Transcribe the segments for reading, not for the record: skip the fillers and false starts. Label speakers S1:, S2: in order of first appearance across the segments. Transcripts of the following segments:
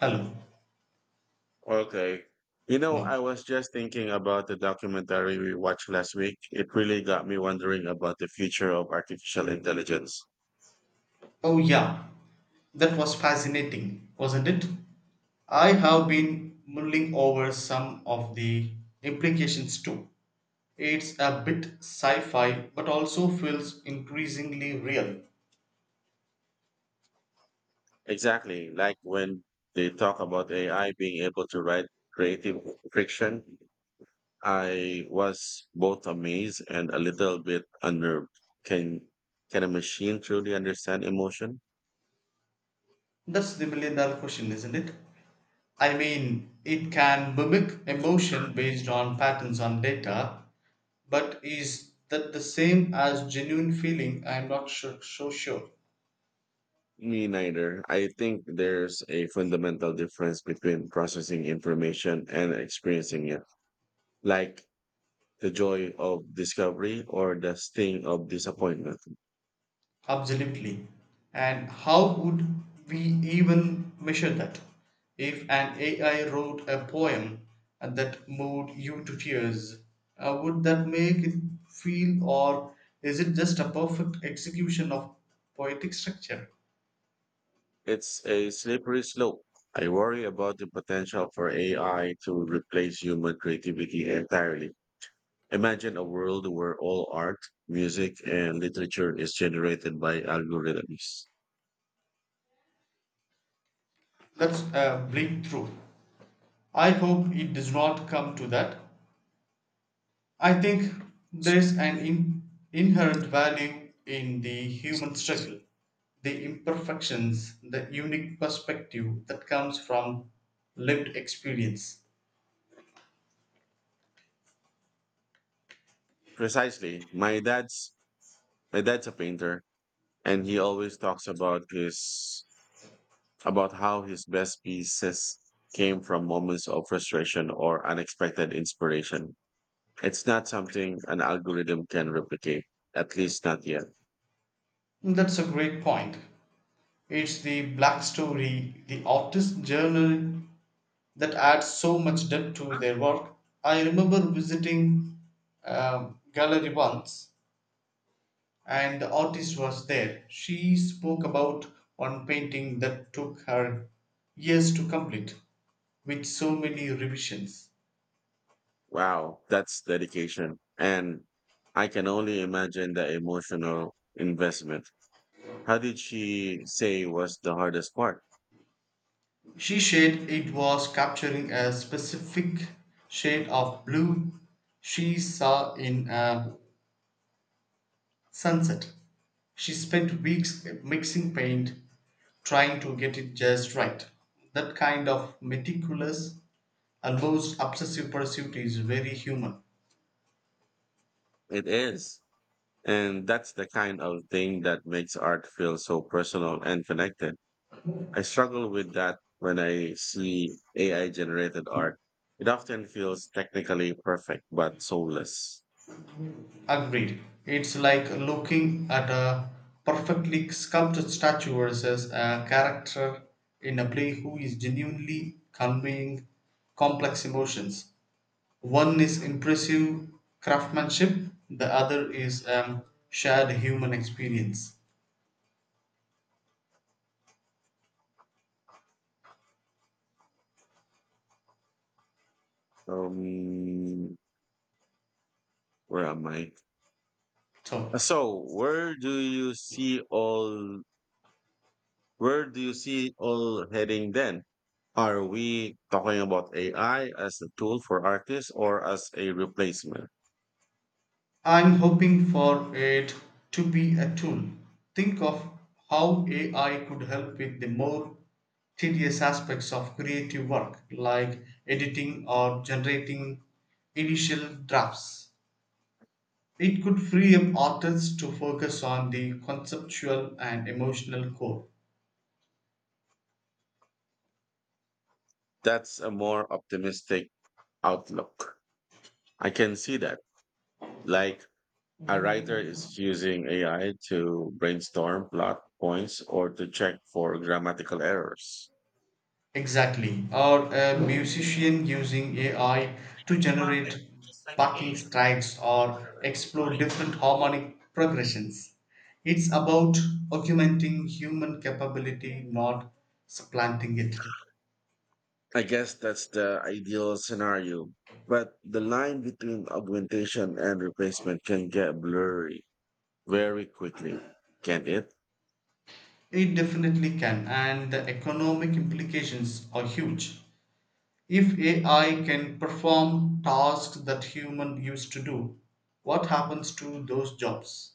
S1: Hello,
S2: Okay. You know,
S1: Mark.
S2: I was just thinking about the documentary we watched last week. It really got me wondering about the future of artificial intelligence.
S1: Oh, yeah, that was fascinating, wasn't it? I have been mulling over some of the implications too. It's a bit sci fi, but also feels increasingly real.
S2: Exactly, like when they talk about AI being able to write creative fiction, I was both amazed and a little bit unnerved. Can can a machine truly understand emotion?
S1: That's the million dollar question, isn't it? I mean, it can mimic emotion based on patterns on data, but is that the same as genuine feeling? I'm not sure, so sure.
S2: Me neither. I think there's a fundamental difference between processing information and experiencing it. Like the joy of discovery or the sting of disappointment.
S1: Absolutely. And how would we even measure that? If an AI wrote a poem that moved you to tears, would that make it feel, or is it just a perfect execution of poetic structure?
S2: It's a slippery slope. I worry about the potential for AI to replace human creativity entirely. Imagine a world where all art, music, and literature is generated by algorithms.
S1: That's a bleak truth. I hope it does not come to that. I think there's an inherent value in the human struggle, the imperfections, the unique perspective that comes from lived experience.
S2: Precisely. My dad's a painter and he always talks about his about how his best pieces came from moments of frustration or unexpected inspiration. It's not something an algorithm can replicate, at least not yet.
S1: That's a great point. It's the black story, the artist journal that adds so much depth to their work. I remember visiting gallery once, and the artist was there. She spoke about one painting that took her years to complete, with so many revisions.
S2: Wow, that's dedication. And I can only imagine the emotional investment. How did she say was the hardest part?
S1: She said it was capturing a specific shade of blue she saw in a sunset. She spent weeks mixing paint, trying to get it just right. That kind of meticulous, almost obsessive pursuit is very human.
S2: It is. And that's the kind of thing that makes art feel so personal and connected. I struggle with that when I see AI generated art. It often feels technically perfect, but soulless.
S1: Agreed. It's like looking at a perfectly sculpted statue versus a character in a play who is genuinely conveying complex emotions. One is impressive craftsmanship, the other is a shared human experience.
S2: Um, where am I?
S1: So,
S2: Uh, So where do you see all where do you see all heading then? Are we talking about AI as a tool for artists or as a replacement?
S1: I'm hoping for it to be a tool. Think of how AI could help with the more tedious aspects of creative work, like editing or generating initial drafts. It could free up artists to focus on the conceptual and emotional core.
S2: That's a more optimistic outlook. I can see that. Like a writer is using AI to brainstorm plot points or to check for grammatical errors.
S1: Exactly. Or a musician using AI to
S2: It's not that,
S1: generate
S2: just like
S1: backing
S2: me.
S1: tracks or explore different harmonic progressions. It's about augmenting human capability, not supplanting it.
S2: I guess that's the ideal scenario. But the line between augmentation and replacement can get blurry very quickly, can not it?
S1: It definitely can, and the economic implications are huge. If AI can perform tasks that human used to do, what happens to those jobs?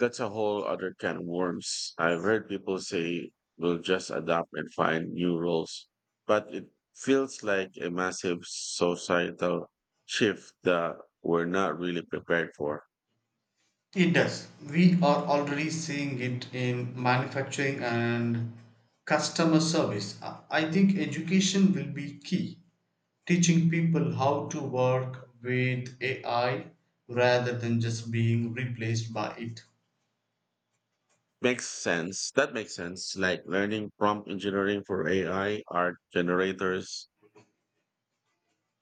S2: That's a whole other can of worms. I've heard people say we'll just adapt and find new roles, but it feels like a massive societal shift that we're not really prepared for.
S1: It does. We are already seeing it in manufacturing and customer service. I think education will be key. Teaching people how to work with AI rather than just being replaced by it.
S2: Makes sense. That makes sense. Like learning prompt engineering for AI art generators.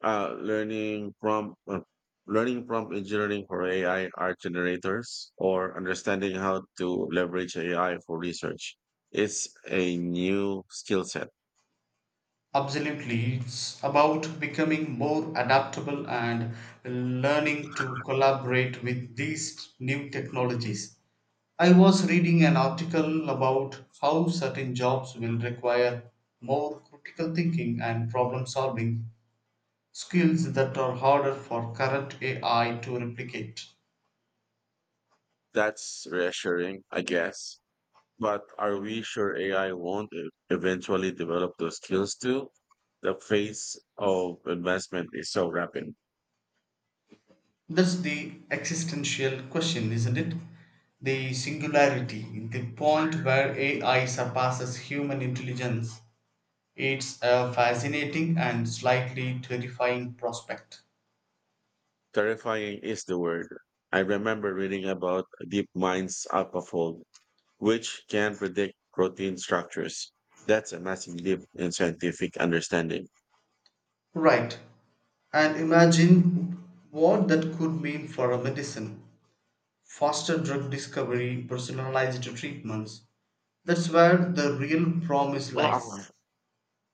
S2: Uh, learning prompt, uh, Learning prompt engineering for AI art generators, or understanding how to leverage AI for research. It's a new skill set.
S1: Absolutely. It's about becoming more adaptable and learning to collaborate with these new technologies. I was reading an article about how certain jobs will require more critical thinking and problem solving skills that are harder for current AI to replicate.
S2: That's reassuring, I guess. But are we sure AI won't eventually develop those skills too? The pace of investment is so rapid.
S1: That's the existential question, isn't it? The singularity, the point where AI surpasses human intelligence. It's a fascinating and slightly terrifying prospect.
S2: Terrifying is the word. I remember reading about deep Mind's AlphaFold, which can predict protein structures. That's a massive leap in scientific understanding.
S1: Right. And imagine what that could mean for a medicine. Faster drug discovery, personalized treatments. That's where the real promise
S2: Ah,
S1: lies,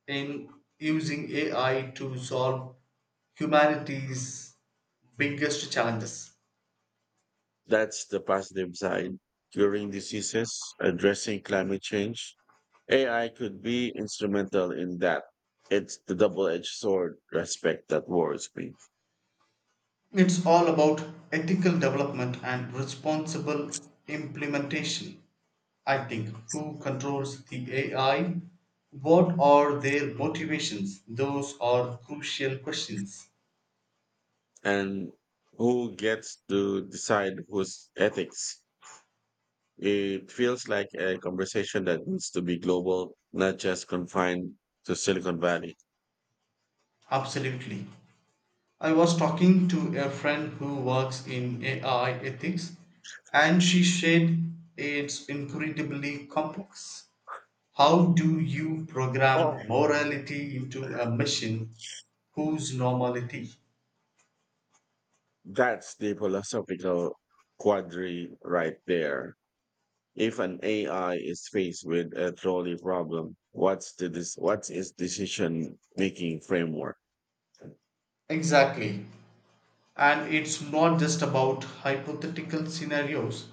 S1: in using AI to solve humanity's biggest challenges.
S2: that's the positive side. Curing diseases, addressing climate change, AI could be instrumental in that. It's the double-edged sword respect that worries me.
S1: It's all about ethical development and responsible implementation. I think, who controls the AI? What are their motivations? Those are crucial questions.
S2: And who gets to decide whose ethics? It feels like a conversation that needs to be global, not just confined to Silicon Valley.
S1: Absolutely. I was talking to a friend who works in AI ethics, and she said it's incredibly complex. How do you program
S2: Oh,
S1: morality into a machine whose normality?
S2: that's the philosophical quandary right there. If an AI is faced with a trolley problem, what's what's its decision making framework?
S1: Exactly. And it's not just about hypothetical scenarios.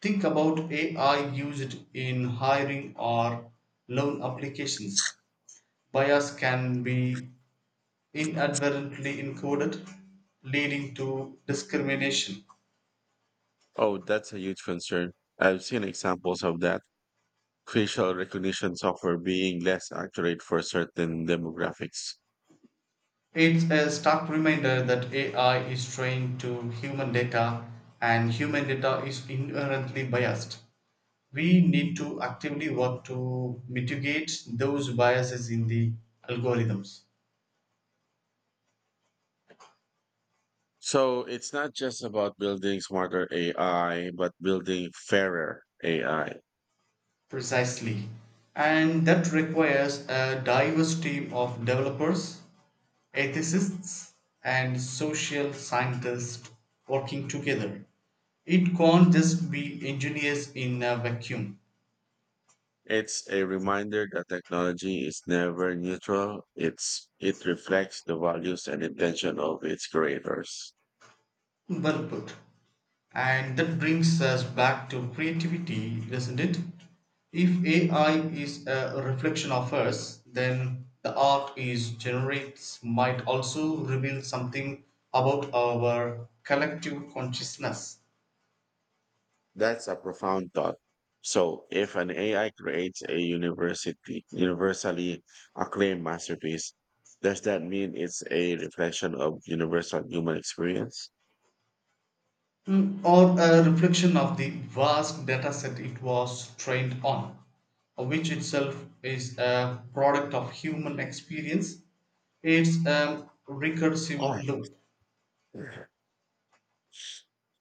S1: Think about AI used in hiring or loan applications. Bias can be inadvertently encoded, leading to discrimination.
S2: Oh, that's a huge concern. I've seen examples of that. Facial recognition software being less accurate for certain demographics.
S1: It's a stark reminder that AI is trained to human data and human data is inherently biased. We need to actively work to mitigate those biases in the algorithms.
S2: So it's not just about building smarter AI, but building fairer AI.
S1: Precisely. And that requires a diverse team of developers, ethicists, and social scientists working together. It can't just be engineers in a vacuum.
S2: It's a reminder that technology is never neutral. It reflects the values and intention of its creators.
S1: Well put. And that brings us back to creativity, doesn't it? If AI is a reflection of us, then the art it generates might also reveal something about our collective consciousness.
S2: That's a profound thought. So if an AI creates a university universally acclaimed masterpiece, does that mean it's a reflection of universal human experience?
S1: Mm, or a reflection of the vast dataset it was trained on, which itself is a product of human experience. It's a recursive loop.
S2: Yeah.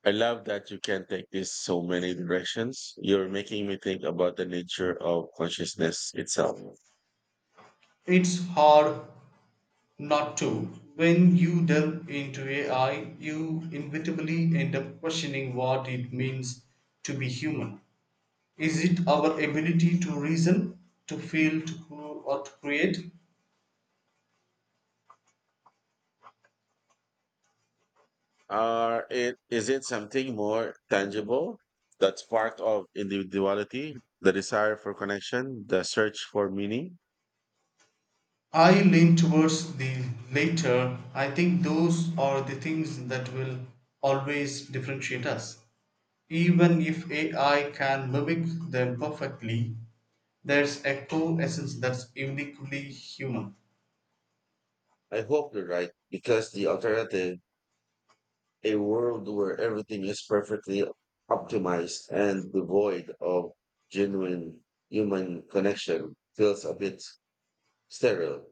S2: I love that you can take this so many directions. You're making me think about the nature of consciousness itself.
S1: It's hard not to. When you delve into AI, you inevitably end up questioning what it means to be human. Is it our ability to reason, to feel, to or to create?
S2: Are it Is it something more tangible? That spark of individuality, the desire for connection, the search for meaning.
S1: I lean towards the later. I think those are the things that will always differentiate us. Even if AI can mimic them perfectly, there's a core essence that's uniquely human.
S2: I hope you're right, because the alternative, a world where everything is perfectly optimized and devoid of genuine human connection, feels a bit sterile.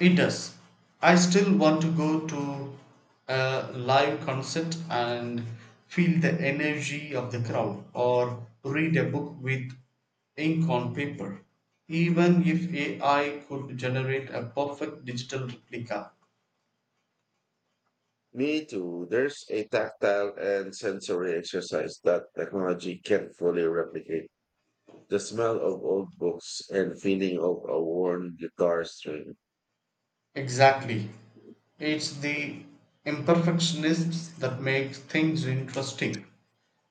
S1: It does. I still want to go to a live concert and feel the energy of the crowd, or read a book with ink on paper, even if AI could generate a perfect digital replica.
S2: Me too. There's a tactile and sensory exercise that technology can't fully replicate. The smell of old books and feeling of a worn guitar string.
S1: Exactly. It's the imperfectionists that make things interesting.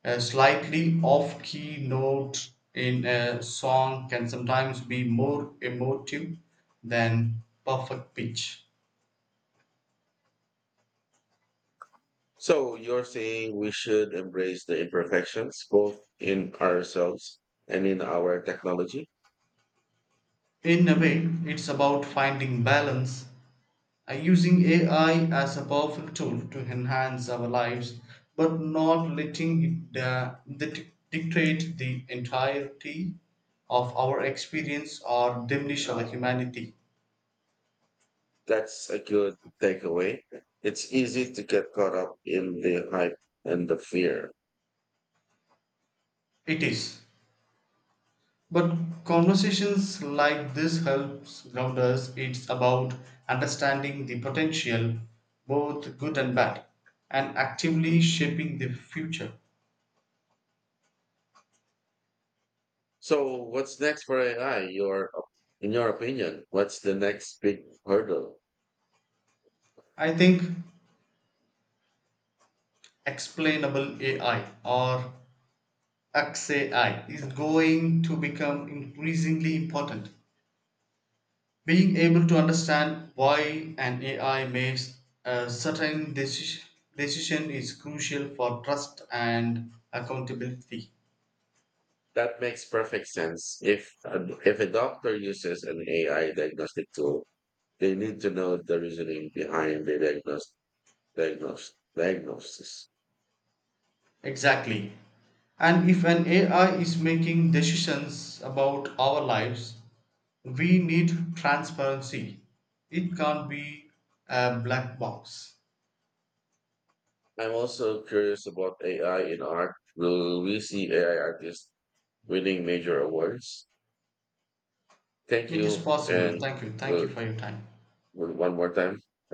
S1: A slightly off key note in a song can sometimes be more emotive than perfect pitch.
S2: So you're saying we should embrace the imperfections both in ourselves and in our technology?
S1: In a way, it's about finding balance, using AI as a powerful tool to enhance our lives, but not letting it dictate the entirety of our experience or diminish our humanity.
S2: That's a good takeaway. It's easy to get caught up in the hype and the fear.
S1: It is. But conversations like this helps ground us. It's about understanding the potential, both good and bad, and actively shaping the future.
S2: So what's next for AI? Your In your opinion, what's the next big hurdle?
S1: I think explainable AI, or XAI, is going to become increasingly important. Being able to understand why an AI makes a certain decision is crucial for trust and accountability.
S2: That makes perfect sense. If a doctor uses an AI diagnostic tool, they need to know the reasoning behind the diagnosis.
S1: Exactly. And if an AI is making decisions about our lives, we need transparency. It can't be a black box.
S2: I'm also curious about AI in art. Will we see AI artists winning major awards? Thank
S1: It is
S2: you,
S1: possible.
S2: and
S1: Thank you. Thank
S2: uh,
S1: you for your time.
S2: one more time.